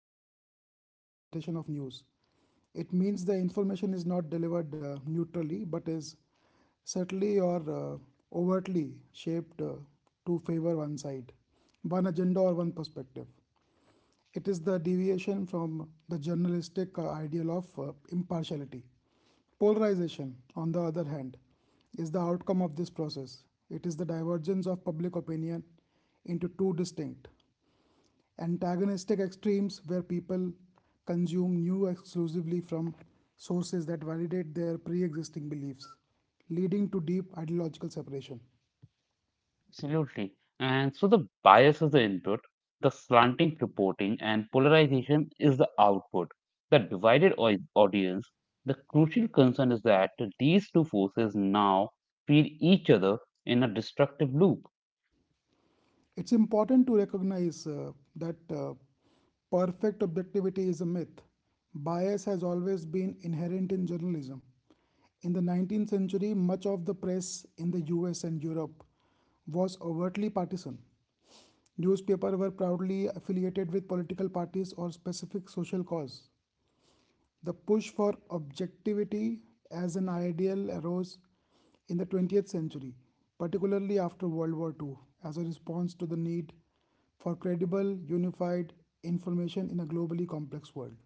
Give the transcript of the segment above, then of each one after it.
interpretation, or presentation of news. It means the information is not delivered neutrally but is subtly or overtly shaped to favor one side, one agenda, or one perspective. It is the deviation from the journalistic ideal of impartiality. Polarization, on the other hand, is the outcome of this process. It is the divergence of public opinion into two distinct, antagonistic extremes where people consume news exclusively from sources that validate their pre existing beliefs, leading to deep ideological separation. Absolutely. And so the bias is the input, the slanting reporting and polarization is the output. The divided audience, the crucial concern is that these two forces now feed each other in a destructive loop. It's important to recognize that perfect objectivity is a myth. Bias has always been inherent in journalism. In the 19th century, much of the press in the US and Europe was overtly partisan. Newspapers were proudly affiliated with political parties or specific social cause. The push for objectivity as an ideal arose in the 20th century, particularly after World War Two, as a response to the need for credible, unified information in a globally complex world.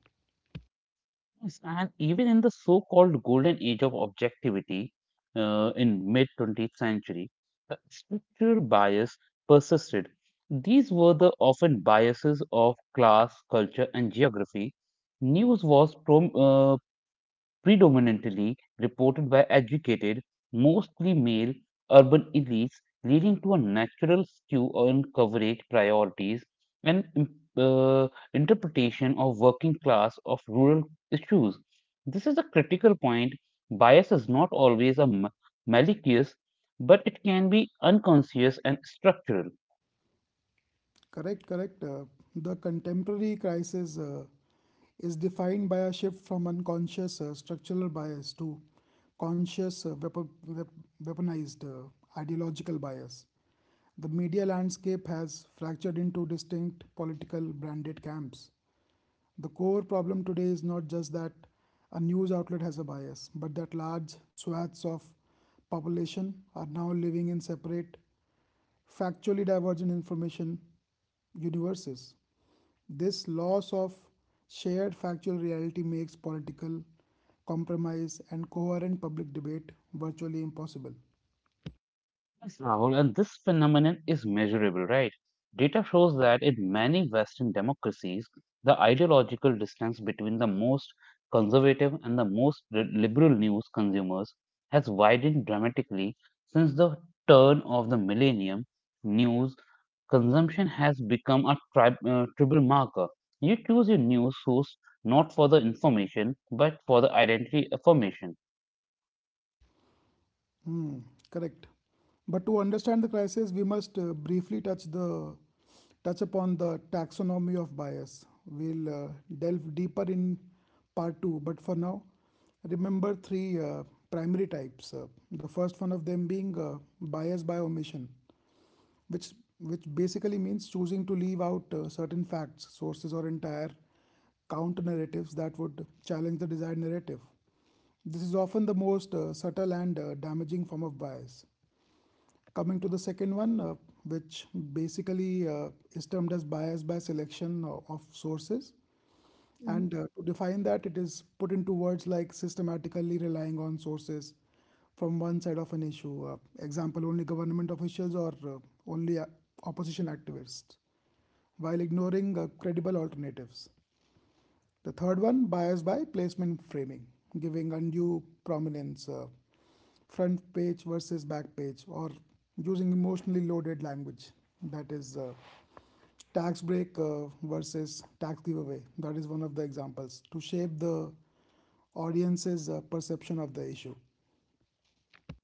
Yes, and even in the so-called golden age of objectivity in mid-20th century, the structural bias persisted. These were the often biases of class, culture, and geography. News was predominantly reported by educated, mostly male urban elites, leading to a natural skew on coverage priorities and uh, interpretation of working class of rural issues. This is a critical point. Bias is not always a malicious, but it can be unconscious and structural. Correct, correct. The contemporary crisis is defined by a shift from unconscious structural bias to conscious weaponized ideological bias. The media landscape has fractured into distinct political branded camps. The core problem today is not just that a news outlet has a bias, but that large swaths of population are now living in separate factually divergent information universes. This loss of shared factual reality makes political compromise and coherent public debate virtually impossible. Yes, Rahul, and this phenomenon is measurable, right? Data shows that in many Western democracies, the ideological distance between the most conservative and the most liberal news consumers has widened dramatically since the turn of the millennium. News consumption has become a tribal marker. You choose your news source not for the information, but for the identity affirmation. Hmm, correct. But to understand the crisis, we must briefly touch upon the taxonomy of bias. We'll delve deeper in part two. But for now, remember three primary types. The first one of them being bias by omission, which which basically means choosing to leave out certain facts, sources, or entire counter narratives that would challenge the desired narrative. This is often the most subtle and damaging form of bias. Coming to the second one, which basically is termed as bias by selection of sources. And to define that, it is put into words like systematically relying on sources from one side of an issue. Example, only government officials or only opposition activists, while ignoring credible alternatives. The third one, bias by placement framing, giving undue prominence, front page versus back page, or using emotionally loaded language. That is tax break versus tax giveaway. That is one of the examples to shape the audience's perception of the issue.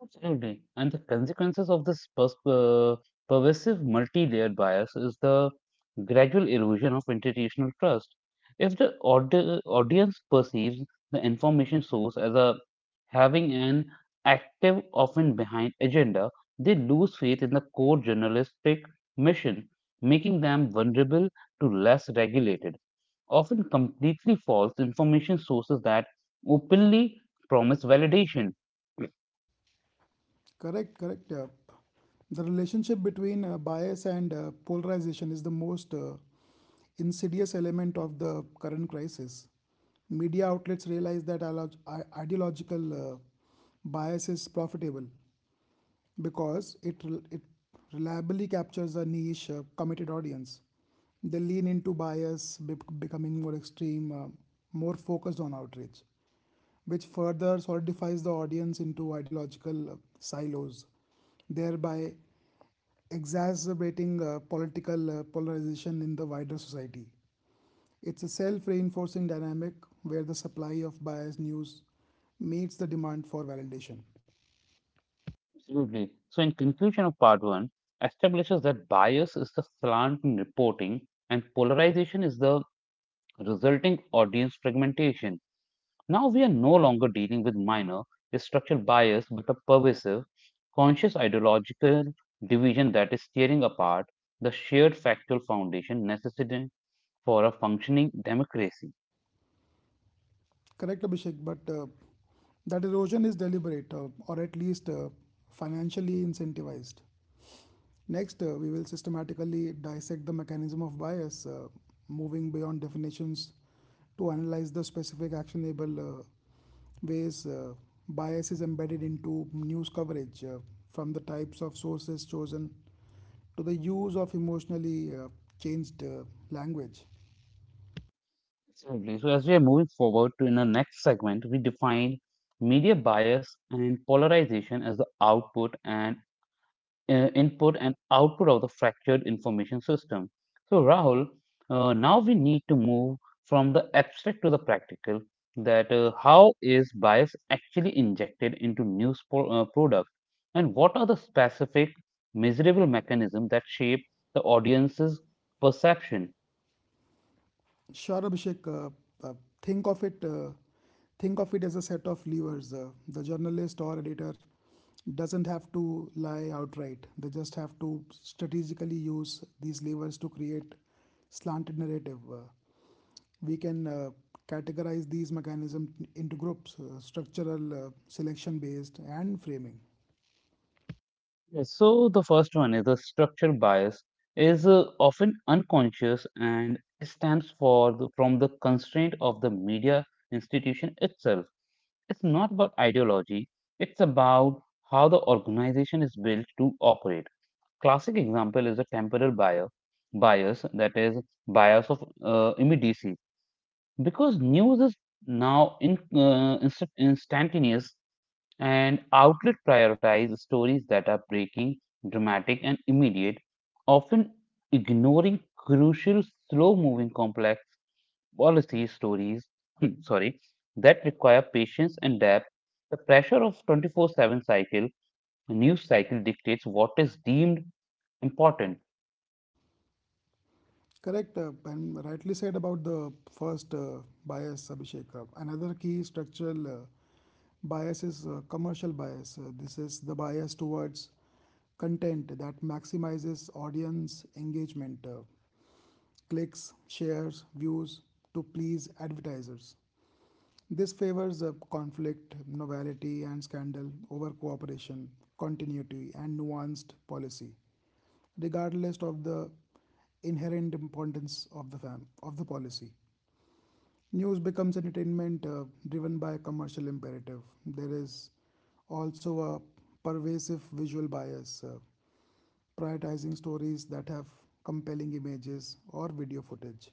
Absolutely. And the consequences of this pervasive multi-layered bias is the gradual erosion of institutional trust. If the audience perceives the information source as a having an active, often behind agenda, they lose faith in the core journalistic mission, making them vulnerable to less regulated, often completely false information sources that openly promise validation. Correct, correct. The relationship between bias and polarization is the most insidious element of the current crisis. Media outlets realize that ideological bias is profitable because it reliably captures a niche, committed audience. They lean into bias, becoming more extreme, more focused on outrage which further solidifies the audience into ideological silos, thereby exacerbating political polarization in the wider society. It's a self reinforcing dynamic where the supply of biased news meets the demand for validation. Absolutely. So, in conclusion of part one, establishes that bias is the slant in reporting and polarization is the resulting audience fragmentation. Now, we are no longer dealing with minor structural bias but a pervasive, conscious ideological division that is tearing apart the shared factual foundation necessary for a functioning democracy. Correct, Abhishek, but that erosion is deliberate or at least financially incentivized. Next, we will systematically dissect the mechanism of bias, moving beyond definitions to analyze the specific actionable ways bias is embedded into news coverage, from the types of sources chosen to the use of emotionally changed language. Absolutely. So, as we are moving forward to in our next segment, we define media bias and polarization as the output and input and output of the fractured information system. So, Rahul, now we need to move from the abstract to the practical. That how is bias actually injected into news product, and what are the specific measurable mechanisms that shape the audience's perception? Sure, Abhishek. Uh, think of it. Uh, think of it as a set of levers. The journalist or editor doesn't have to lie outright. They just have to strategically use these levers to create slanted narrative. We can categorize these mechanisms into groups: structural, selection-based, and framing. Yes, so the first one is the structure bias is often unconscious and stands for the, from the constraint of the media institution itself. It's not about ideology, it's about how the organization is built to operate. Classic example is a temporal bias, bias that is bias of immediacy because news is now instantaneous and outlet prioritize stories that are breaking, dramatic, and immediate, often ignoring crucial, slow moving, complex policy stories. Sorry, that require patience and depth. The pressure of news cycle dictates what is deemed important. Correct, and rightly said about the first bias, Abhishek. Another key structural bias is commercial bias. This is the bias towards content that maximizes audience engagement, clicks, shares, views to please advertisers. This favors a conflict, novelty, and scandal over cooperation, continuity, and nuanced policy, regardless of the inherent importance of the of the policy. News becomes entertainment driven by commercial imperative. There is also a pervasive visual bias, prioritizing stories that have compelling images or video footage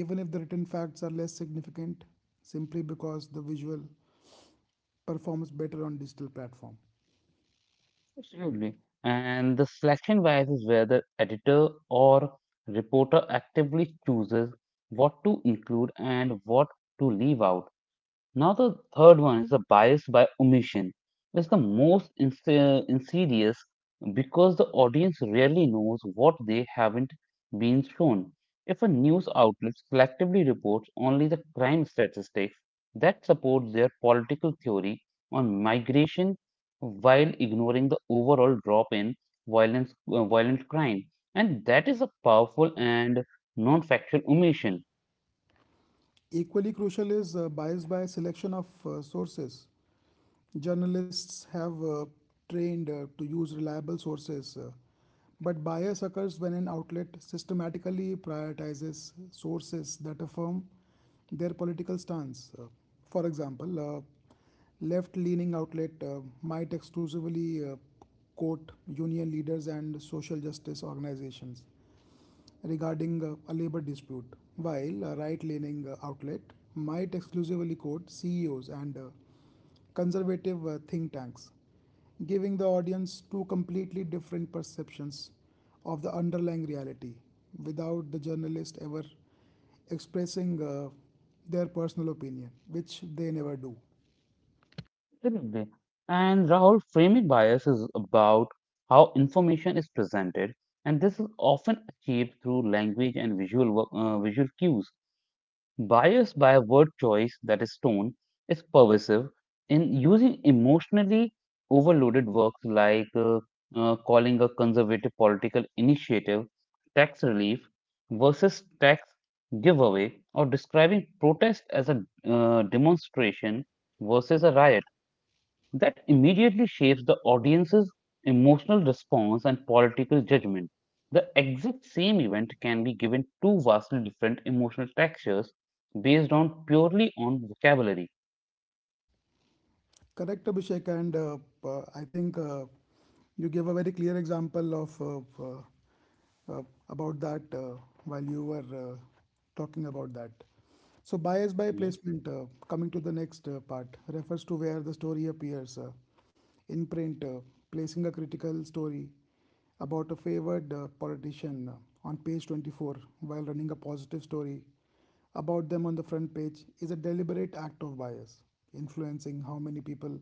even if the written facts are less significant, simply because the visual performs better on digital platform. Absolutely. And the selection bias is where the editor or reporter actively chooses what to include and what to leave out. Now, the third one is the bias by omission. It's the most insidious because the audience rarely knows what they haven't been shown. If a news outlet selectively reports only the crime statistics that support their political theory on migration while ignoring the overall drop in violent crime, and that is a powerful and non factual omission. Equally crucial is bias by selection of sources. Journalists have trained to use reliable sources, but bias occurs when an outlet systematically prioritizes sources that affirm their political stance. For example, left-leaning outlet might exclusively quote union leaders and social justice organizations regarding a labor dispute, while a right leaning outlet might exclusively quote CEOs and conservative think tanks, giving the audience two completely different perceptions of the underlying reality without the journalist ever expressing their personal opinion, which they never do. Definitely. And Rahul, framing bias is about how information is presented, and this is often achieved through language and visual cues. Bias by a word choice that is tone is pervasive in using emotionally overloaded works like calling a conservative political initiative tax relief versus tax giveaway, or describing protest as a demonstration versus a riot that immediately shapes the audience's emotional response and political judgment. The exact same event can be given two vastly different emotional textures based on purely on vocabulary. Correct, Abhishek. And I think you gave a very clear example of uh, about that while you were talking about that. So, bias by Mhm. placement, coming to the next part, refers to where the story appears in print, placing a critical story about a favored politician on page 24 while running a positive story about them on the front page is a deliberate act of bias, influencing how many people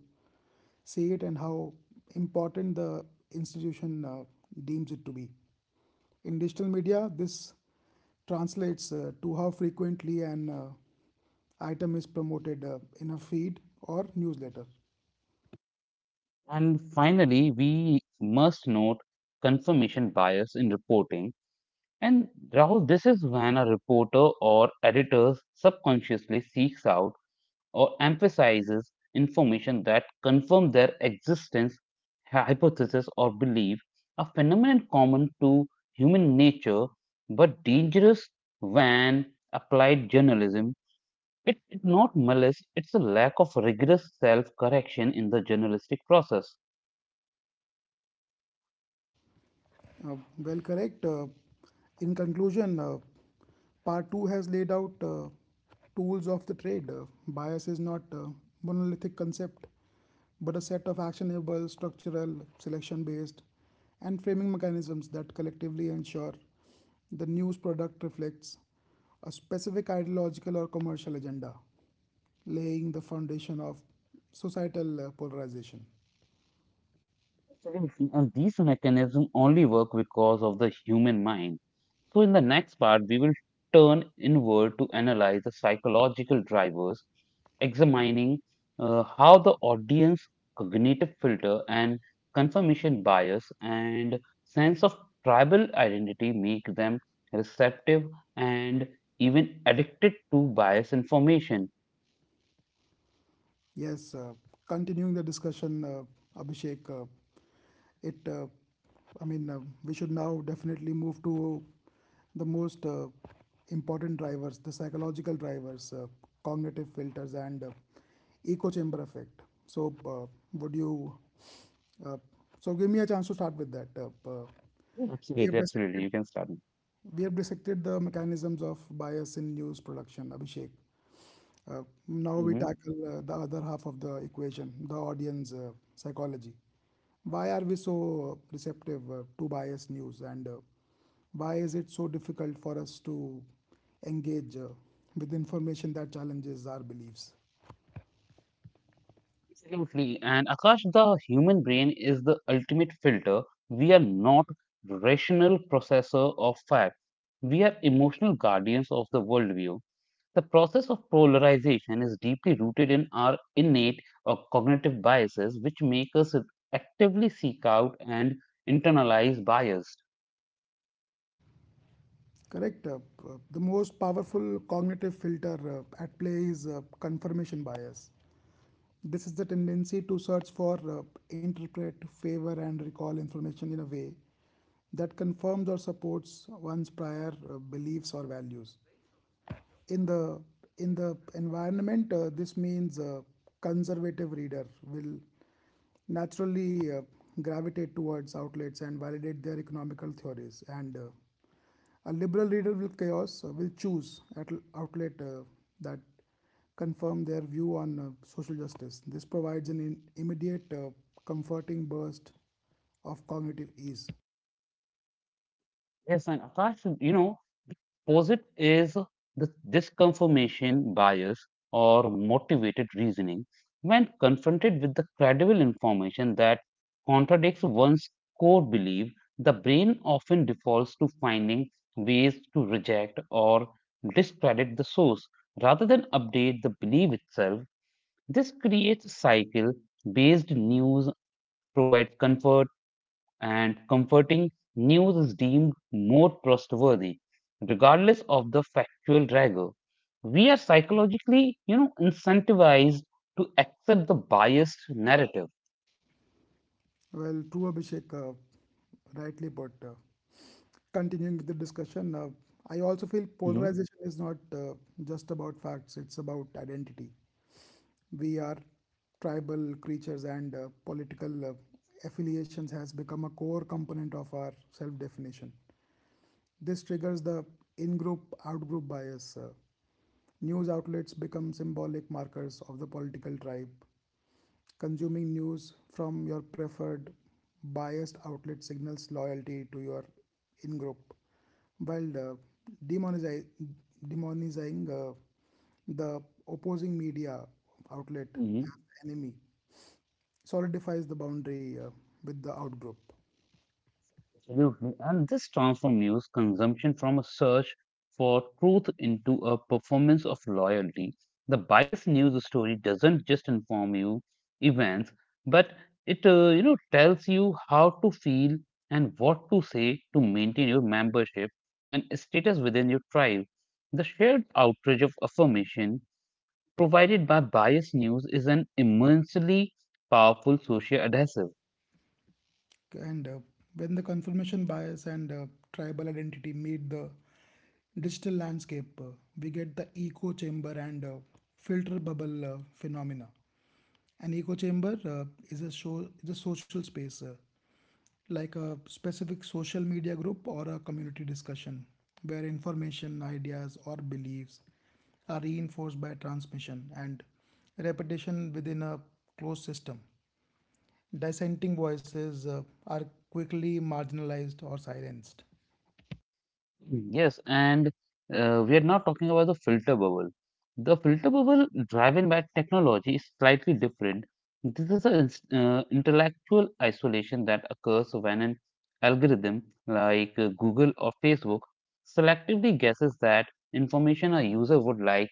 see it and how important the institution deems it to be. In digital media, this translates to how frequently an item is promoted in a feed or newsletter. And finally, we must note confirmation bias in reporting. And Rahul, this is when a reporter or editor subconsciously seeks out or emphasizes information that confirms their existence, hypothesis, or belief, a phenomenon common to human nature but dangerous when applied journalism. It's not malice, it's a lack of rigorous self correction in the journalistic process. Well, correct. In conclusion, part two has laid out tools of the trade. Bias is not a monolithic concept, but a set of actionable, structural, selection based, and framing mechanisms that collectively ensure the news product reflects a specific ideological or commercial agenda, laying the foundation of societal polarization. Absolutely. And these mechanisms only work because of the human mind. So, in the next part, we will turn inward to analyze the psychological drivers, examining how the audience cognitive filter and confirmation bias and sense of tribal identity make them receptive and even addicted to bias information. Yes, continuing the discussion, Abhishek, it, uh, I mean, we should now definitely move to the most important drivers, the psychological drivers, cognitive filters, and echo chamber effect. So, would you? Uh, so, give me a chance to start with that. We Absolutely, have absolutely. dissected You can start. we have dissected the mechanisms of bias in news production, Abhishek. Uh, Now we Hmm. tackle the other half of the equation, the audience psychology. Why are we so receptive to biased news and why is it so difficult for us to engage with information that challenges our beliefs? Absolutely. And Akash, the human brain is the ultimate filter. We are not rational processor of fact. We are emotional guardians of the worldview. The process of polarization is deeply rooted in our innate or cognitive biases, which make us actively seek out and internalize bias. Correct. The most powerful cognitive filter at play is confirmation bias. This is the tendency to search for, interpret, favor, and recall information in a way that confirms or supports one's prior beliefs or values. In the in the environment, this means a conservative reader will naturally gravitate towards outlets and validate their economical theories and a liberal reader will chaos will choose at outlet that confirm their view on social justice. This provides an immediate, comforting burst of cognitive ease. Yes, and Akash, opposite is the disconfirmation bias or motivated reasoning. When confronted with the credible information that contradicts one's core belief, the brain often defaults to finding ways to reject or discredit the source rather than update the belief itself. This creates a cycle based news provides comfort and comforting news is deemed more trustworthy regardless of the factual rigor. We are psychologically, incentivized to accept the biased narrative. Well, true Abhishek, rightly put. Continuing with the discussion, I also feel Mhm, polarization is not just about facts; it's about identity. We are tribal creatures and political affiliations has become a core component of our self-definition. This triggers the in-group, out-group bias. News outlets become symbolic markers of the political tribe. Consuming news from your preferred biased outlet signals loyalty to your in-group, while demonizi- demonizing the opposing media outlet mhm. as the enemy solidifies the boundary with the outgroup. Absolutely. And this transforms consumption from a search for truth into a performance of loyalty. The biased news story doesn't just inform you events, but it tells you how to feel and what to say to maintain your membership and status within your tribe. The shared outrage of affirmation provided by biased news is an immensely powerful social adhesive. And when the confirmation bias and tribal identity meet the digital landscape, we get the echo chamber and filter bubble phenomena. An echo chamber is a social space like a specific social media group or a community discussion where information, ideas, or beliefs are reinforced by transmission and repetition within a closed system. Dissenting voices are quickly marginalized or silenced. Mm, yes, and we are now talking about the filter bubble. The filter bubble driven by technology is slightly different. This is an intellectual isolation that occurs when an algorithm like Google or Facebook selectively guesses that information a user would like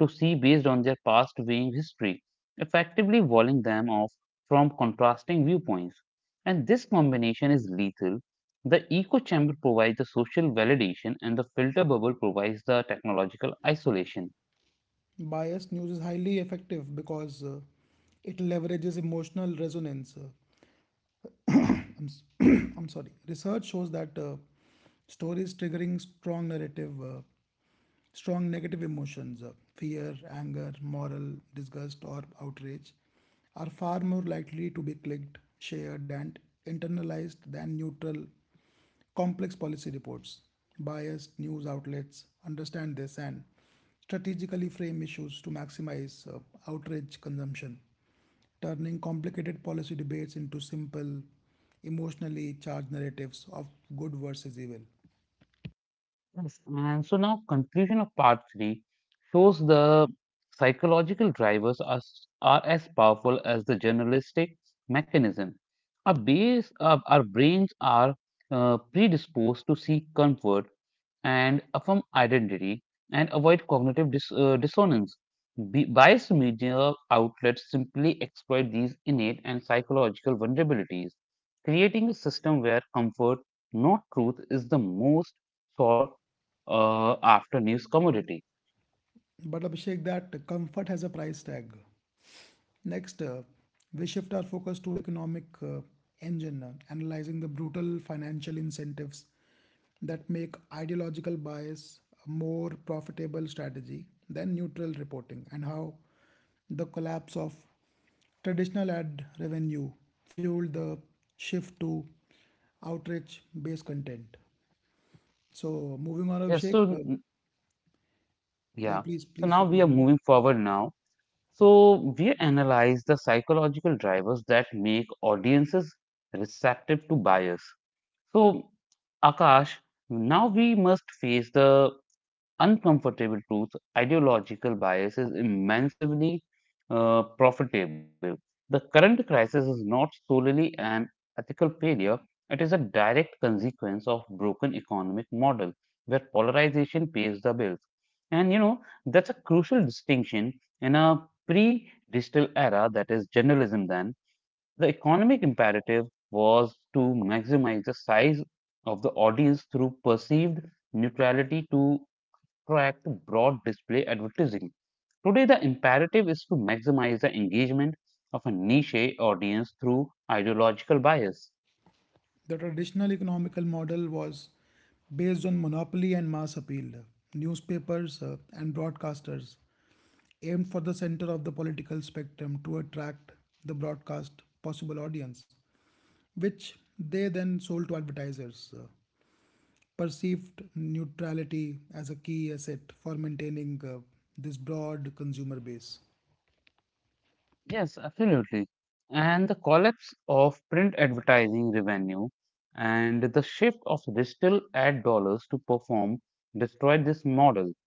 to see based on their past viewing history, effectively walling them off from contrasting viewpoints. And this combination is lethal. The echo chamber provides the social validation, and the filter bubble provides the technological isolation. Biased news is highly effective because it leverages emotional resonance. I'm, s- I'm sorry. Research shows that stories triggering strong narrative Strong negative emotions, fear, anger, moral disgust, or outrage, are far more likely to be clicked, shared, and internalized than neutral, complex policy reports. Biased news outlets understand this and strategically frame issues to maximize outrage consumption, turning complicated policy debates into simple, emotionally charged narratives of good versus evil. Yes, and so now conclusion of part three shows the psychological drivers are as powerful as the journalistic mechanism. Our brains are predisposed to seek comfort and affirm identity and avoid dissonance. Biased media outlets simply exploit these innate and psychological vulnerabilities, creating a system where comfort, not truth, is the most after news commodity. But Abhishek, that comfort has a price tag. Next, we shift our focus to economic engine, analyzing the brutal financial incentives that make ideological bias a more profitable strategy than neutral reporting, and how the collapse of traditional ad revenue fueled the shift to outreach based content. So, moving on, Yes, Abhishek, so n- yeah, yeah, please, so please, now you we are continue. moving forward now. So we analyze the psychological drivers that make audiences receptive to bias. So Akash, now we must face the uncomfortable truth, ideological bias is immensely profitable. The current crisis is not solely an ethical failure, it is a direct consequence of broken economic model where polarization pays the bills. And that's a crucial distinction in a pre-digital era that is journalism then. The economic imperative was to maximize the size of the audience through perceived neutrality to attract broad display advertising. Today, the imperative is to maximize the engagement of a niche audience through ideological bias. The traditional economical model was based on monopoly and mass appeal. Newspapers and broadcasters aimed for the center of the political spectrum to attract the broadcast possible audience, which they then sold to advertisers. Perceived neutrality as a key asset for maintaining this broad consumer base. Yes, absolutely. And the collapse of print advertising revenue and the shift of digital ad dollars to perform destroyed this model.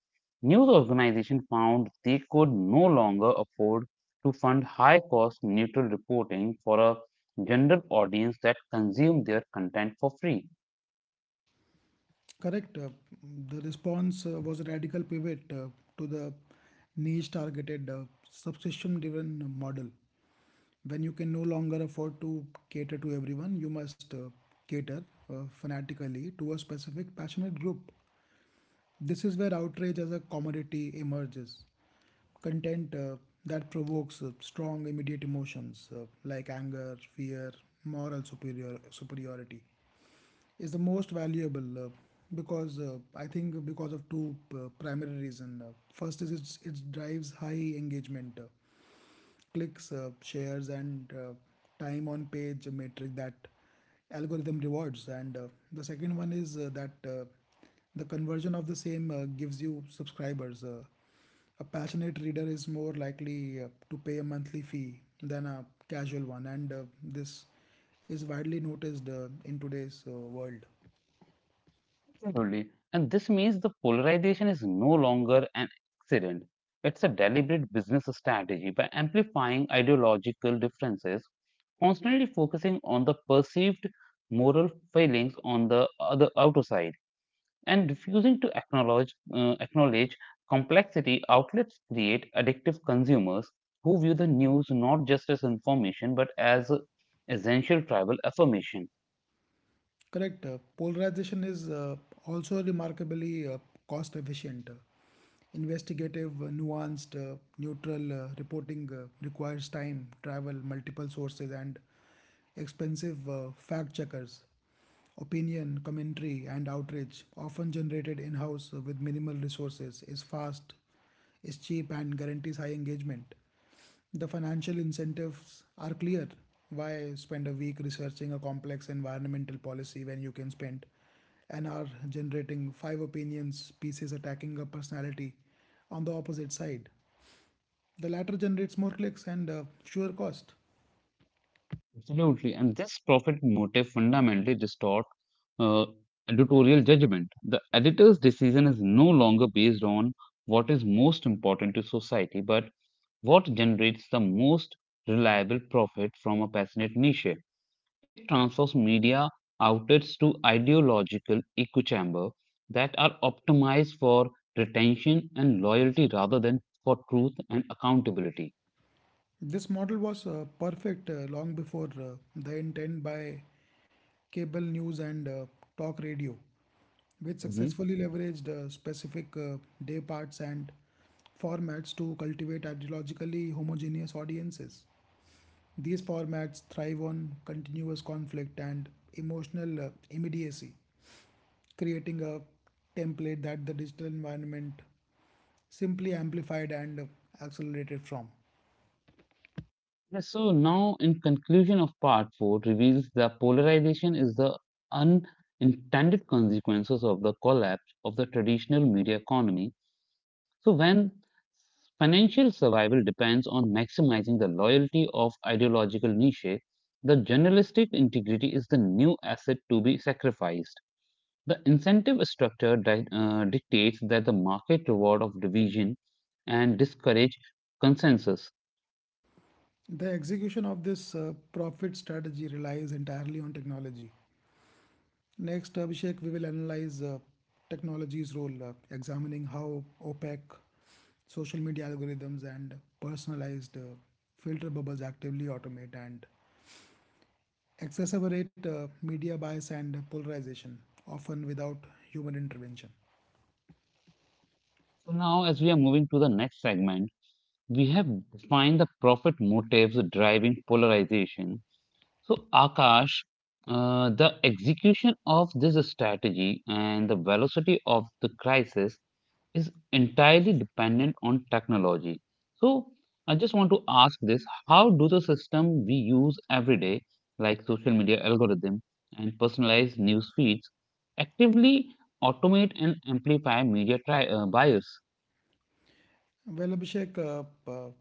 News organizations found they could no longer afford to fund high cost neutral reporting for a general audience that consumed their content for free. Correct. The response was a radical pivot to the niche targeted subscription driven model. When you can no longer afford to cater to everyone, you must cater fanatically to a specific passionate group. This is where outrage as a commodity emerges. Content that provokes strong immediate emotions like anger, fear, moral superiority is the most valuable because I think because of two primary reason. First it drives high engagement, clicks, shares, and time on page metric that algorithm rewards. And the second one is that the conversion of the same gives you subscribers. A passionate reader is more likely to pay a monthly fee than a casual one, and this is widely noticed in today's world. Absolutely. And this means the polarization is no longer an accident. It's a deliberate business strategy by amplifying ideological differences, constantly focusing on the perceived moral failings on the other outer side, and refusing to acknowledge complexity. Outlets create addictive consumers who view the news not just as information but as essential tribal affirmation. Correct. Polarization is also remarkably cost efficient. Investigative, nuanced, neutral reporting requires time, travel, multiple sources, and expensive fact checkers. Opinion, commentary, and outrage, often generated in house with minimal resources, is fast, is cheap, and guarantees high engagement. The financial incentives are clear. Why spend a week researching a complex environmental policy when you can spend an hour generating five opinions pieces attacking a personality on the opposite side? The latter generates more clicks and sure cost. Absolutely. And this profit motive fundamentally distort uh, editorial judgment. The editor's decision is no longer based on what is most important to society, but what generates the most reliable profit from a passionate niche. It transfers media outlets to ideological echo chamber that are optimized for retention and loyalty rather than for truth and accountability. This model was perfect long before the intent by cable news and talk radio, which Mm-hmm. successfully leveraged specific day parts and formats to cultivate ideologically homogeneous audiences. These formats thrive on continuous conflict and emotional immediacy, creating a template that the digital environment simply amplified and accelerated from. Yes, so now, in conclusion of part four, reveals that polarization is the unintended consequences of the collapse of the traditional media economy. So when financial survival depends on maximizing the loyalty of ideological niche, the journalistic integrity is the new asset to be sacrificed. The incentive structure dictates that the market reward of division and discourage consensus. The execution of this profit strategy relies entirely on technology. Next, Abhishek, we will analyze technology's role, examining how opaque social media algorithms and personalized filter bubbles actively automate and exacerbate media bias and polarization, often without human intervention. So now, as we are moving to the next segment, we have defined the profit motives driving polarization. So, Akash, the execution of this strategy and the velocity of the crisis is entirely dependent on technology. So, I just want to ask this: how do the system we use every day, like social media algorithm and personalized news feeds, actively automate and amplify media bias? Well, Abhishek, uh,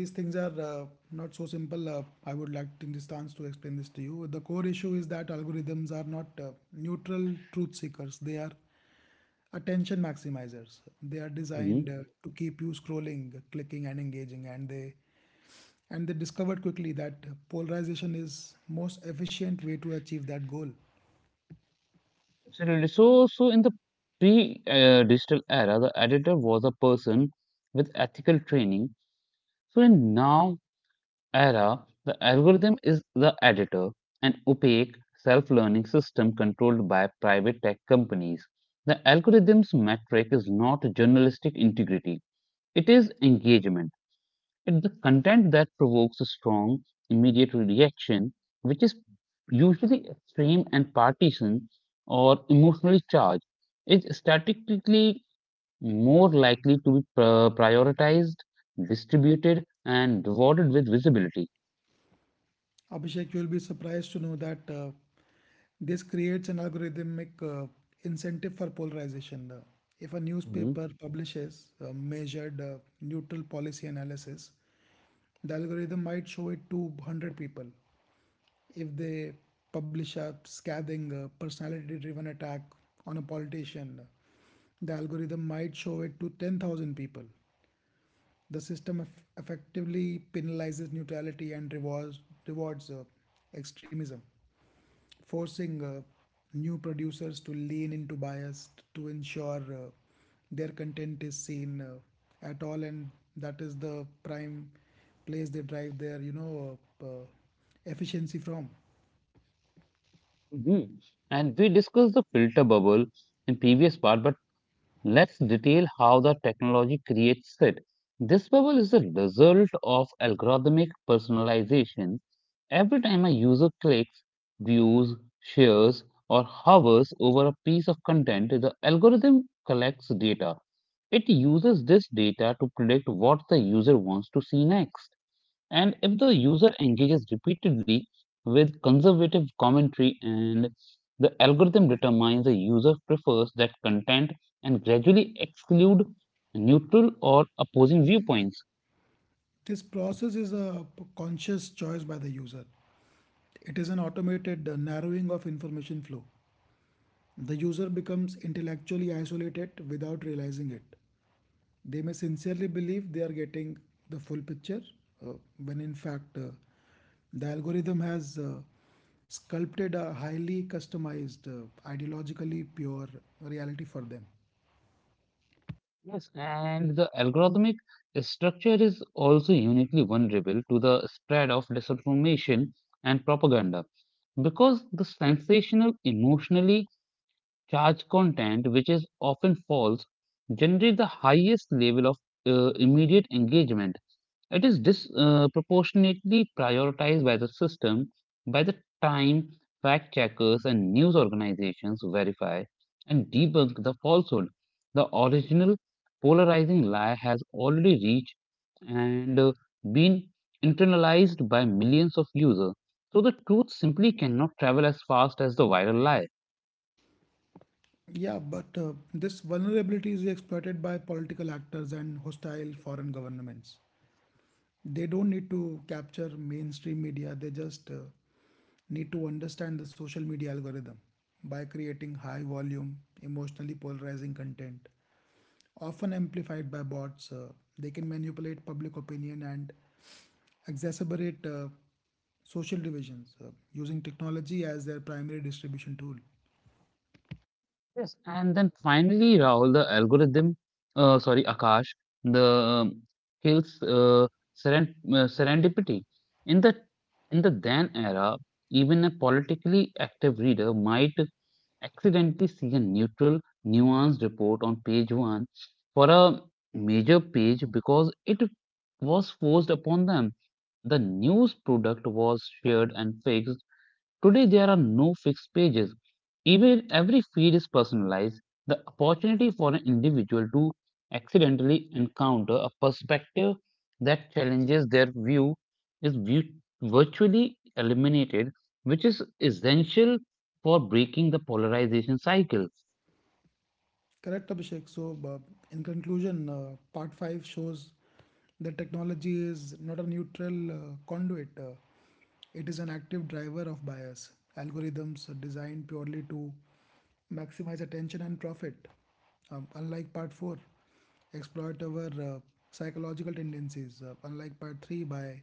these things are not so simple. I would like in this chance to explain this to you. The core issue is that algorithms are not neutral truth seekers, they are attention maximizers. They are designed Mhm. To keep you scrolling, clicking, and engaging, and they discovered quickly that polarization is most efficient way to achieve that goal. Absolutely. So in the pre-digital era, the editor was a person with ethical training. So in now era, the algorithm is the editor, an opaque self-learning system controlled by private tech companies. The algorithm's metric is not journalistic integrity; it is engagement. It's the content that provokes a strong, immediate reaction, which is usually extreme and partisan or emotionally charged, is statistically more likely to be prioritized, distributed, and rewarded with visibility. Abhishek, you'll be surprised to know that this creates an algorithmic incentive for polarization. If a Mhm. newspaper publishes a measured neutral policy analysis, the algorithm might show it to 100 people. If they publish a scathing personality driven attack on a politician, the algorithm might show it to 10,000 people. The system effectively penalizes neutrality and rewards extremism, forcing new producers to lean into bias to ensure their content is seen at all, and that is the prime place they drive their efficiency from. Mhm. And we discussed the filter bubble in previous part, but let's detail how the technology creates it. This bubble is a result of algorithmic personalization. Every time a user clicks, views, shares, or hovers over a piece of content, the algorithm collects data. It uses this data to predict what the user wants to see next. And if the user engages repeatedly with conservative commentary and the algorithm determines the user prefers that content and gradually exclude neutral or opposing viewpoints. This process is a conscious choice by the user. It is an automated narrowing of information flow. The user becomes intellectually isolated without realizing it. They may sincerely believe they are getting the full picture, uh, when in fact, the algorithm has sculpted a highly customized, ideologically pure reality for them. Yes, and the algorithmic structure is also uniquely vulnerable to the spread of disinformation and propaganda because the sensational, emotionally charged content, which is often false, generates the highest level of immediate engagement. It is disproportionately prioritized by the system. By the time fact checkers and news organizations verify and debunk the falsehood, the original polarizing lie has already reached and been internalized by millions of users. So the truth simply cannot travel as fast as the viral lie. Yeah, but this vulnerability is exploited by political actors and hostile foreign governments. They don't need to capture mainstream media, they just need to understand the social media algorithm. By creating high volume, emotionally polarizing content, often amplified by bots, they can manipulate public opinion and exacerbate social divisions using technology as their primary distribution tool. Yes, and then finally, Rahul, the algorithm, sorry, Akash, the kills serendipity. In the in the then era, even a politically active reader might accidentally see a neutral, nuanced report on page one for a major page because it was forced upon them. The news product was shared and fixed. Today, there are no fixed pages. Even every feed is personalized. The opportunity for an individual to accidentally encounter a perspective that challenges their view is virtually eliminated, which is essential for breaking the polarization cycle. Correct, Abhishek. So, in conclusion, part 5 shows that technology is not a neutral conduit, it is an active driver of bias. Algorithms are designed purely to maximize attention and profit. Unlike part 4, exploit our psychological tendencies. Unlike part 3, by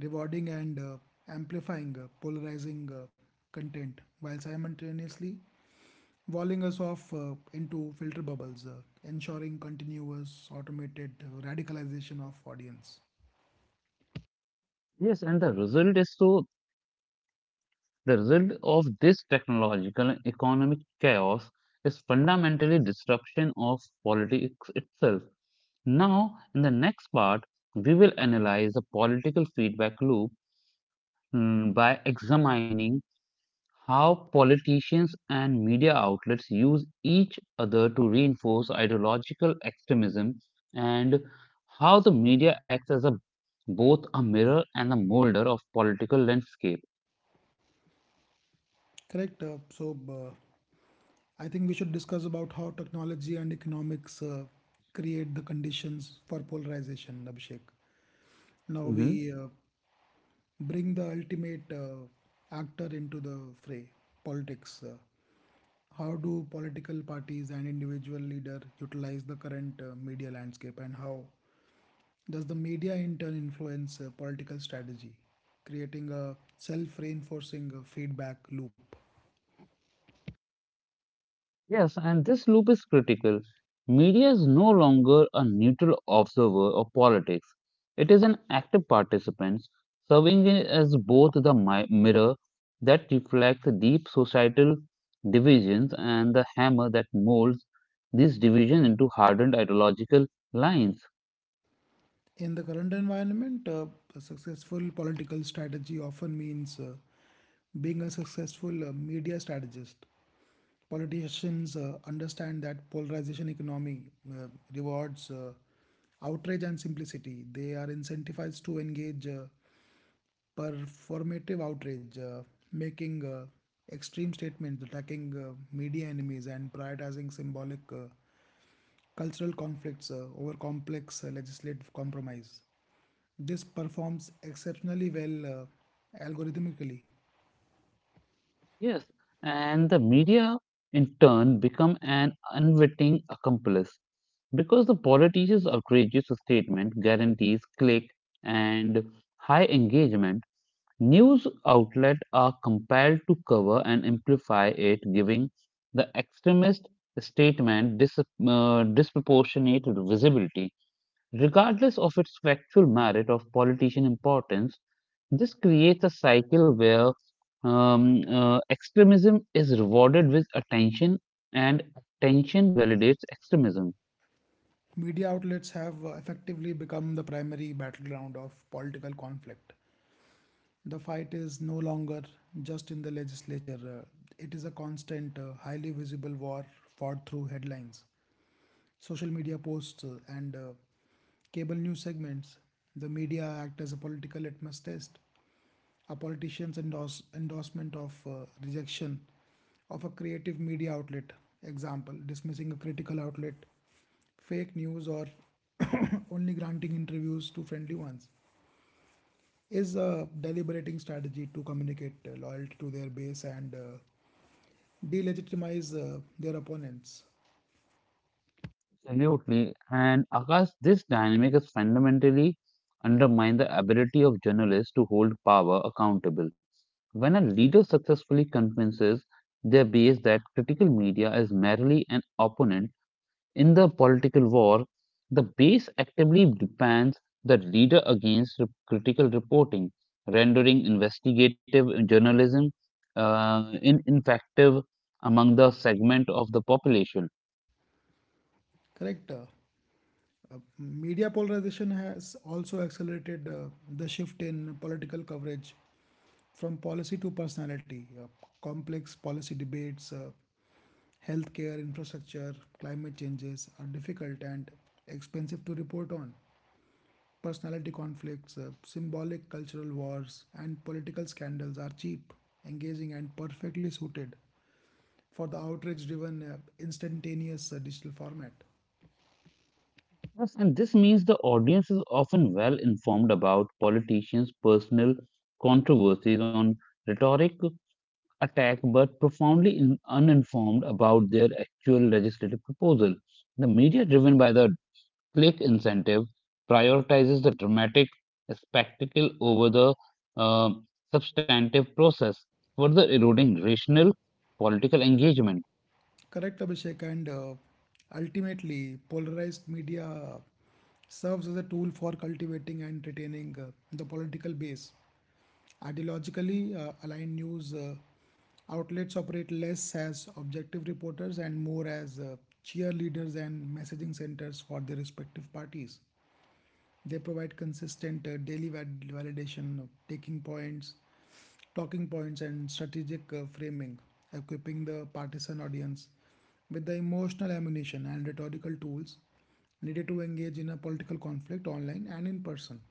rewarding and amplifying polarizing content while simultaneously walling us off into filter bubbles, ensuring continuous automated radicalization of audience. Yes, and the result is so the result of this technological and economic chaos is fundamentally disruption of politics itself. Now, in the next part, we will analyze the political feedback loop, by examining how politicians and media outlets use each other to reinforce ideological extremism and how the media acts as a both a mirror and a molder of political landscape. Correct. I think we should discuss about how technology and economics create the conditions for polarization, Abhishek. Now we bring the ultimate actor into the fray, politics. How do political parties and individual leader utilize the current media landscape, and how does the media in turn influence political strategy, creating a self reinforcing feedback loop? Yes, and this loop is critical. Media is no longer a neutral observer of politics. It is an active participant, serving as both the mirror that reflects deep societal divisions and the hammer that molds these divisions into hardened ideological lines. In the current environment, a successful political strategy often means being a successful media strategist. Politicians understand that polarization economy uh, rewards outrage and simplicity. They are incentivized to engage performative outrage, making extreme statements, attacking media enemies, and prioritizing symbolic cultural conflicts over complex legislative compromise. This performs exceptionally well algorithmically. Yes, and the media in turn become an unwitting accomplice because the politicians' outrageous statement guarantees click and high engagement. News outlets are compelled to cover and amplify it, giving the extremist statement disproportionate visibility, regardless of its factual merit of politician importance. This creates a cycle where extremism is rewarded with attention and attention validates extremism. Media outlets have effectively become the primary battleground of political conflict. The fight is no longer just in the legislature, it is a constant, highly visible war fought through headlines, social media posts, and cable news segments. The media act as a political litmus test. A politician's endorsement of rejection of a creative media outlet, example, dismissing a critical outlet, fake news, or only granting interviews to friendly ones, is a deliberating strategy to communicate loyalty to their base and delegitimize their opponents. Absolutely. And Akash, this dynamic is fundamentally undermine the ability of journalists to hold power accountable. When a leader successfully convinces their base that critical media is merely an opponent in the political war, the base actively the leader against critical reporting, rendering investigative journalism ineffective among the segment of the population. Correct? Media polarization has also accelerated the shift in political coverage from policy to personality. Complex policy debates, healthcare infrastructure, climate changes are difficult and expensive to report on. Personality conflicts, symbolic cultural wars, and political scandals are cheap, engaging, and perfectly suited for the outrage driven, instantaneous digital format. Yes, and this means the audience is often well informed about politicians' personal controversies on rhetoric attack, but profoundly uninformed about their actual legislative proposal. The media, driven by the click incentive, prioritizes the dramatic spectacle over the uh, substantive process, further eroding rational political engagement. Correct, Abhishek. And ultimately, polarized media serves as a tool for cultivating and retaining the political base. Ideologically aligned news outlets operate less as objective reporters and more as cheerleaders and messaging centers for their respective parties. They provide consistent daily validation of talking points, and strategic framing, equipping the partisan audience with the emotional ammunition and rhetorical tools needed to engage in a political conflict online and in person.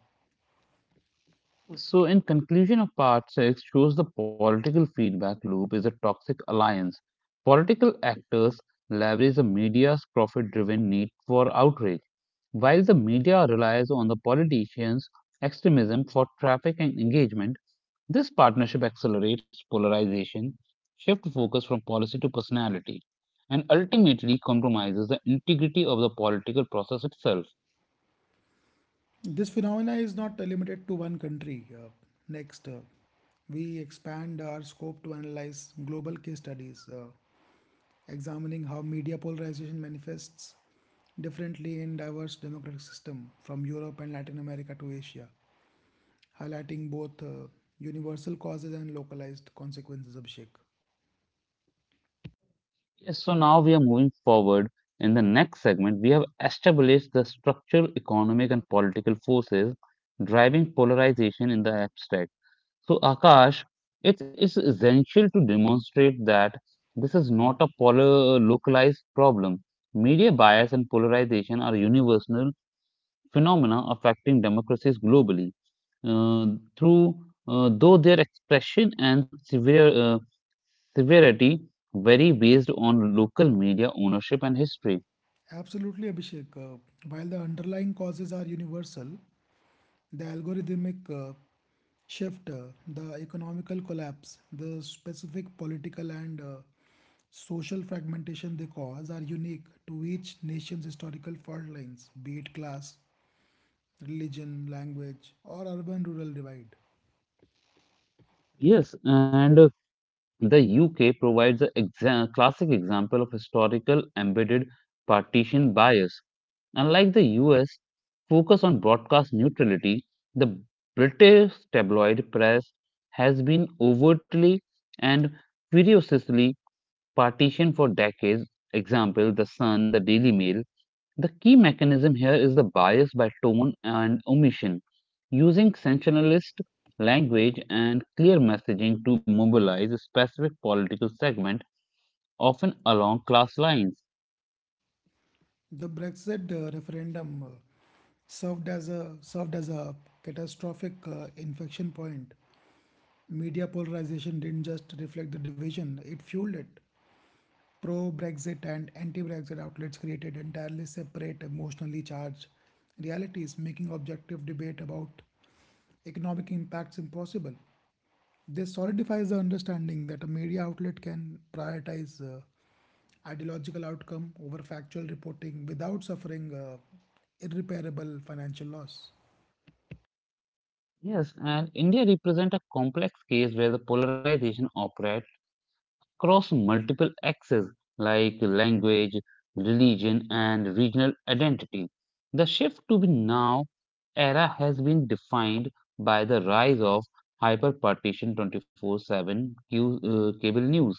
So, in conclusion of part 6, shows the political feedback loop is a toxic alliance. Political actors leverage the media's profit driven need for outrage, while the media relies on the politicians' extremism for traffic and engagement. This partnership accelerates polarization, shifts focus from policy to personality, and ultimately compromises the integrity of the political process itself. This phenomena is not limited to one country. Next, we expand our scope to analyze global case studies, examining how media polarization manifests differently in diverse democratic systems from Europe and Latin America to Asia, highlighting both universal causes and localized consequences, Abhishek. Yes, so now we are moving forward. In the next segment, we have established the structural, economic, and political forces driving polarization in the abstract. So, Akash, it is essential to demonstrate that this is not a polar localized problem. Media bias and polarization are universal phenomena affecting democracies globally, uh, through though their expression and severity vary based on local media ownership and history. Absolutely, Abhishek. While the underlying causes are universal, the algorithmic shift, the economical collapse, the specific political and social fragmentation they cause are unique to each nation's historical fault lines, be it class, religion, language, or urban rural divide. Yes, and the UK provides a classic example of historical embedded partition bias. Unlike the US, focus on broadcast neutrality, the British tabloid press has been overtly and ferociously partition for decades. Example, the Sun, the Daily Mail. The key mechanism here is the bias by tone and omission, using sensationalist language and clear messaging to mobilize a specific political segment, often along class lines. The Brexit referendum served as a catastrophic infection point. Media polarization didn't just reflect the division, it fueled it. Pro Brexit and anti Brexit outlets created entirely separate, emotionally charged realities, making objective debate about economic impacts impossible. This solidifies the understanding that a media outlet can prioritize ideological outcome over factual reporting without suffering irreparable financial loss. Yes, and India represents a complex case where the polarization operates across multiple axes like language, religion, and regional identity. The shift to the now era has been defined by the rise of hyperpartition 24/7 cable news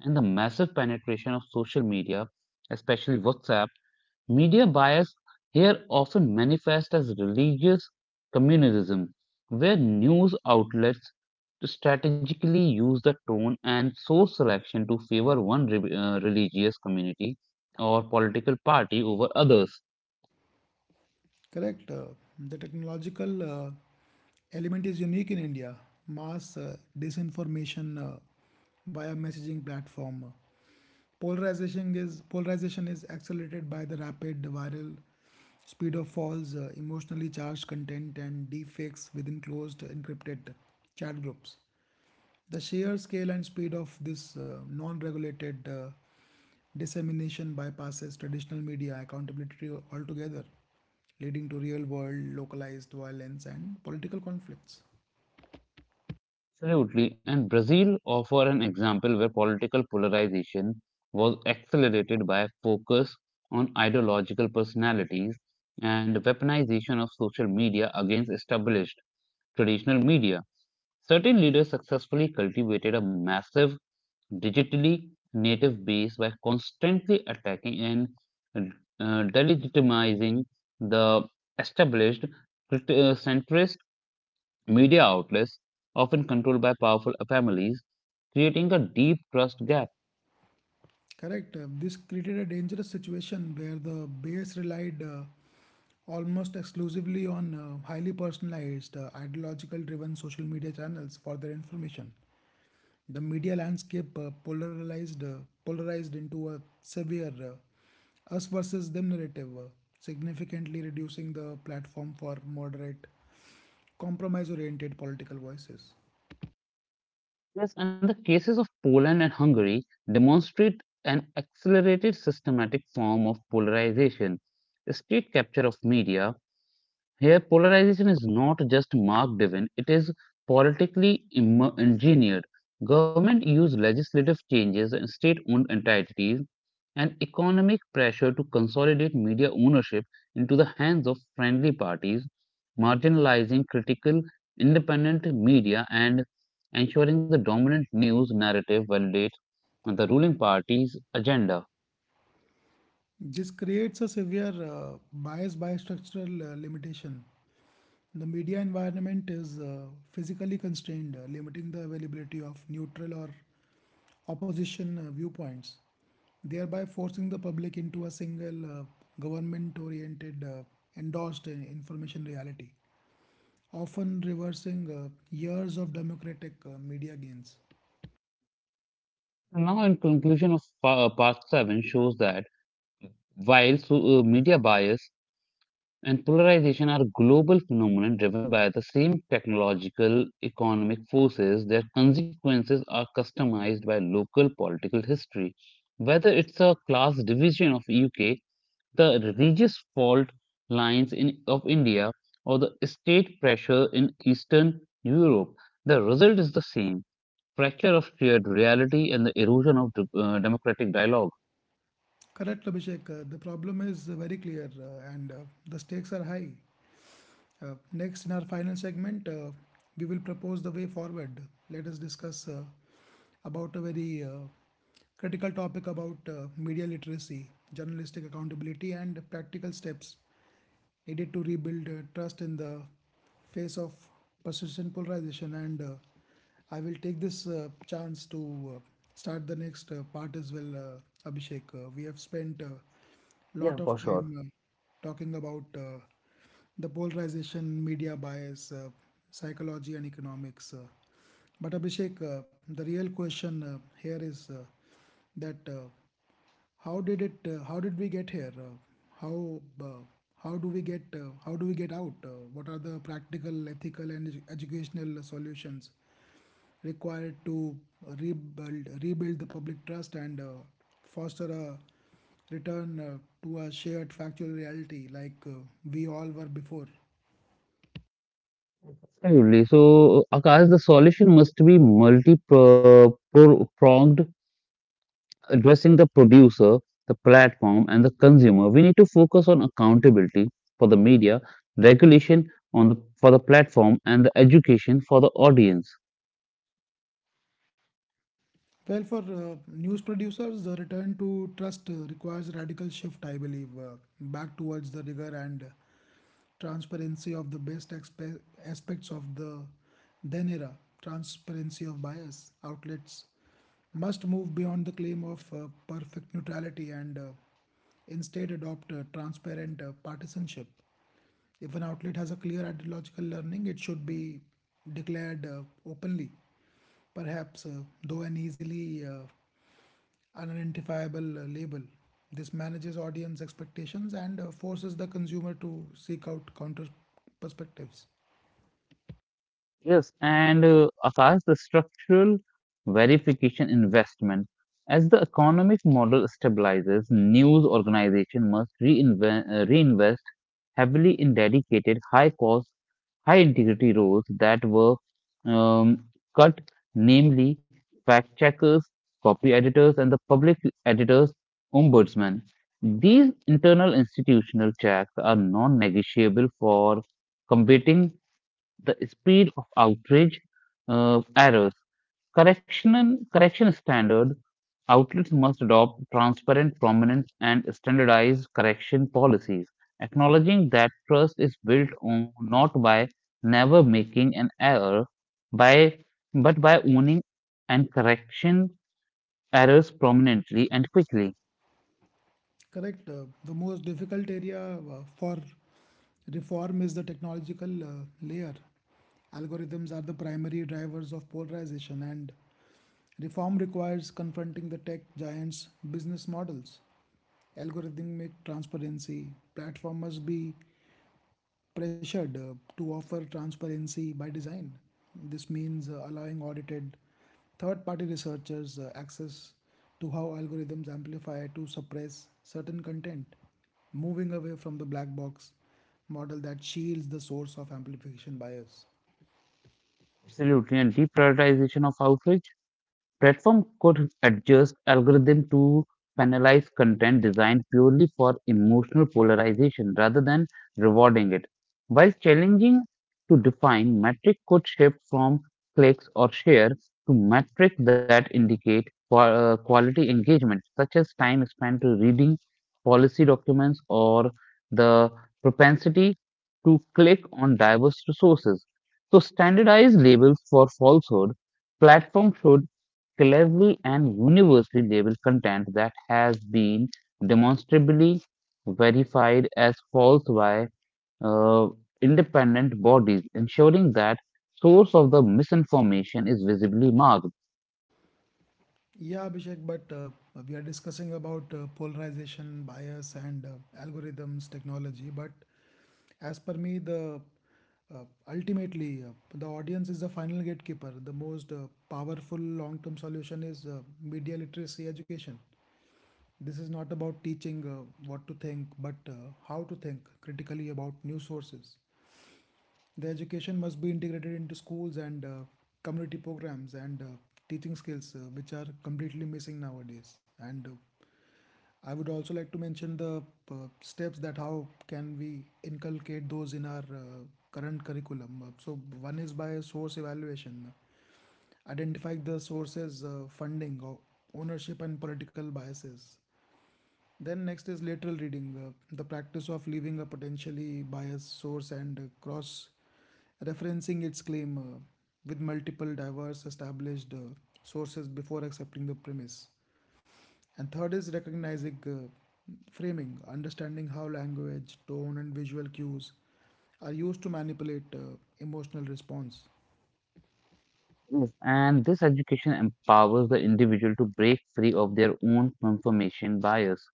and the massive penetration of social media, especially WhatsApp. Media bias here often manifests as religious communalism, where news outlets to strategically use the tone and source selection to favor one religious community or political party over others. Correct. The technological element is unique in India. Mass disinformation via messaging platform. Polarization is accelerated by the rapid viral speed of false, emotionally charged content and deepfakes within closed encrypted chat groups. The sheer scale and speed of this non regulated dissemination bypasses traditional media accountability altogether, leading to real world localized violence and political conflicts. Absolutely, and Brazil offer an example where political polarization was accelerated by a focus on ideological personalities and weaponization of social media against established traditional media. Certain leaders successfully cultivated a massive digitally native base by constantly attacking and delegitimizing the established centrist media outlets, often controlled by powerful families, creating a deep trust gap. Correct. This created a dangerous situation where the base relied almost exclusively on highly personalized, ideological driven social media channels for their information. The media landscape polarized into a severe us versus them narrative, significantly reducing the platform for moderate, compromise-oriented political voices. Yes, and the cases of Poland and Hungary demonstrate an accelerated systematic form of polarization, state capture of media. Here, polarization is not just mark driven, it is politically engineered. Government use legislative changes and state owned entities and economic pressure to consolidate media ownership into the hands of friendly parties, marginalizing critical independent media and ensuring the dominant news narrative validates the ruling party's agenda. This creates a severe bias by structural limitation. The media environment is physically constrained, limiting the availability of neutral or opposition viewpoints, thereby forcing the public into a single government oriented, endorsed information reality, often reversing years of democratic media gains. Now, in conclusion of part 7 shows that while so, media bias and polarization are global phenomena driven by the same technological economic forces, their consequences are customized by local political history, whether it's a class division of UK, the religious fault lines of India, or the state pressure in Eastern Europe, the result is the same: fracture of shared reality and the erosion of democratic dialogue. Correct, Abhishek. The problem is very clear, and the stakes are high. Next, in our final segment, we will propose the way forward. Let us discuss about a very critical topic about media literacy, journalistic accountability, and practical steps needed to rebuild trust in the phase of persistent polarization, and I will take this chance to uh, start the next part as well. Abhishek, we have spent a Yeah, lot for of sure. time talking about the polarization, media bias, psychology, and economics, but Abhishek, the real question here is that, how did it? How did we get here? How uh, how do we get out? What are the practical, ethical, and educational solutions required to rebuild the public trust and foster a return to a shared factual reality like we all were before? Absolutely. So, Akash, the solution must be multi-pronged, addressing the producer, the platform, and the consumer. We need to focus on accountability for the media, regulation on the, for the platform, and the education for the audience. Well, for news producers, the return to trust requires a radical shift, I believe, back towards the rigor and transparency of the best aspects of the then era. Transparency of bias outlets: must move beyond the claim of perfect neutrality and instead adopt a transparent partisanship. If an outlet has a clear ideological learning, it should be declared openly. Perhaps, though an easily unidentifiable label, this manages audience expectations and forces the consumer to seek out counter perspectives. Yes, and Akash, the structural verification investment. As the economic model stabilizes, news organization must reinvent, heavily in dedicated high cost, high integrity roles that were um, cut, namely fact checkers, copy editors, and the public editors ombudsman. These internal institutional checks are non negotiable for combating the speed of outrage errors. Correction, correction standard outlets must adopt transparent, prominent, and standardized correction policies, acknowledging that trust is built on not by never making an error, by but by owning and correction errors prominently and quickly. Correct. The most difficult area for reform is the technological layer. Algorithms are the primary drivers of polarization, and reform requires confronting the tech giants' business models. Algorithmic transparency: platform must be pressured to offer transparency by design. This means allowing audited third party researchers access to how algorithms amplify to suppress certain content, moving away from the black box model that shields the source of amplification bias. Absolutely, and deprioritization of outrage. Platform could adjust algorithm to penalize content designed purely for emotional polarization rather than rewarding it. While challenging to define, metric could shift from clicks or share to metrics that indicate quality engagement, such as time spent to reading policy documents or the propensity to click on diverse resources. So standardized labels for falsehood. Platforms should collectively and universally, labeled content that has been demonstrably verified as false by uh, independent bodies, ensuring that source of the misinformation is visibly marked. Yeah, Abhishek, but we are discussing about polarization, bias, and algorithms, technology. But as per me, the uh, ultimately the audience is the final gatekeeper. The most powerful long-term solution is media literacy education. This is not about teaching what to think, but how to think critically about news sources. The education must be integrated into schools and community programs and teaching skills, which are completely missing nowadays. And I would also like to mention the uh, steps that how can we inculcate those in our current curriculum. So one is by source evaluation, identify the sources, funding, ownership, and political biases. Then next is lateral reading, the practice of leaving a potentially biased source and cross referencing its claim with multiple diverse established sources before accepting the premise. And third is recognizing framing, understanding how language, tone, and visual cues are used to manipulate emotional response. Yes, and this education empowers the individual to break free of their own confirmation bias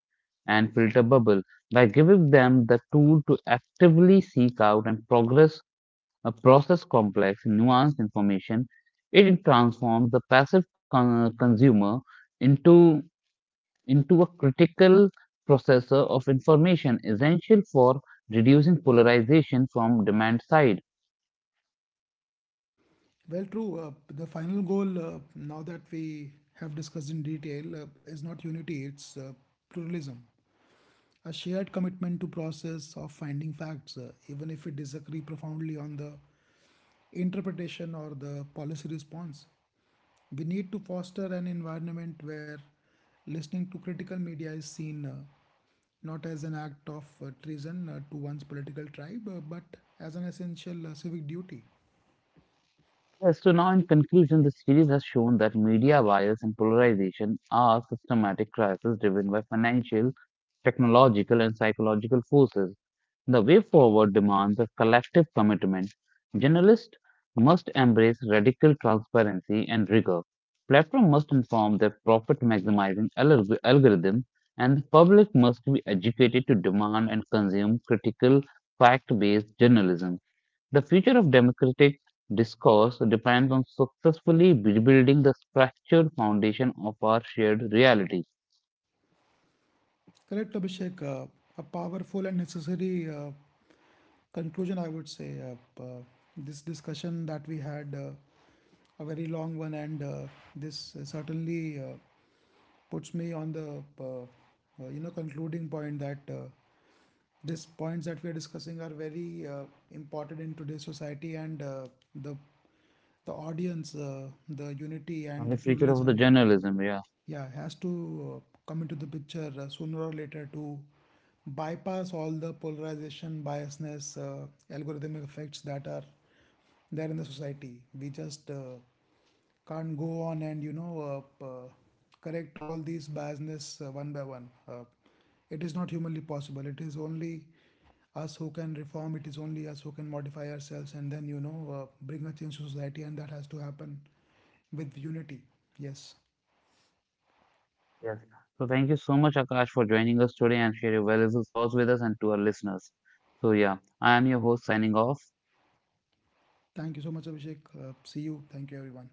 and filter bubble by giving them the tool to actively seek out and progress process complex, nuanced information. It transforms the passive consumer into into a critical processor of information, essential for reducing polarization from demand side. Well, true. The final goal, now that we have discussed in detail, is not unity, it's pluralism. A shared commitment to process of finding facts, even if we disagree profoundly on the interpretation or the policy response. We need to foster an environment where listening to critical media is seen not as an act of treason to one's political tribe, but as an essential civic duty. Yes, so now in conclusion, the series has shown that media bias and polarization are systematic crises driven by financial, technological, and psychological forces. The way forward demands a collective commitment. Journalists must embrace radical transparency and rigor. Platforms must inform their profit maximizing algorithm, and the public must be educated to demand and consume critical, fact based journalism. The future of democratic discourse depends on successfully rebuilding the fractured foundation of our shared reality Correct, Abhishek. A powerful and necessary conclusion, I would say. This discussion that we had, a very long one, and this, certainly, puts me on the, you know, concluding point that these points that we are discussing are very important in today's society, and the the audience, the unity and and the the future of the pluralism. journalism. Yeah. Yeah, has to come into the picture sooner or later to bypass all the polarization, biasness, algorithmic effects that are there in the society. We just can't go on and you know, correct all these biasness one by one. It is not humanly possible. It is only us who can reform. It is only us who can modify ourselves, and then you know, bring a change to society, and that has to happen with unity. Yes. Yes. So thank you so much, Akash, for joining us today and share your valuable thoughts with us and to our listeners. So yeah, I am your host signing off. Thank you so much, Abhishek. See you. Thank you, everyone.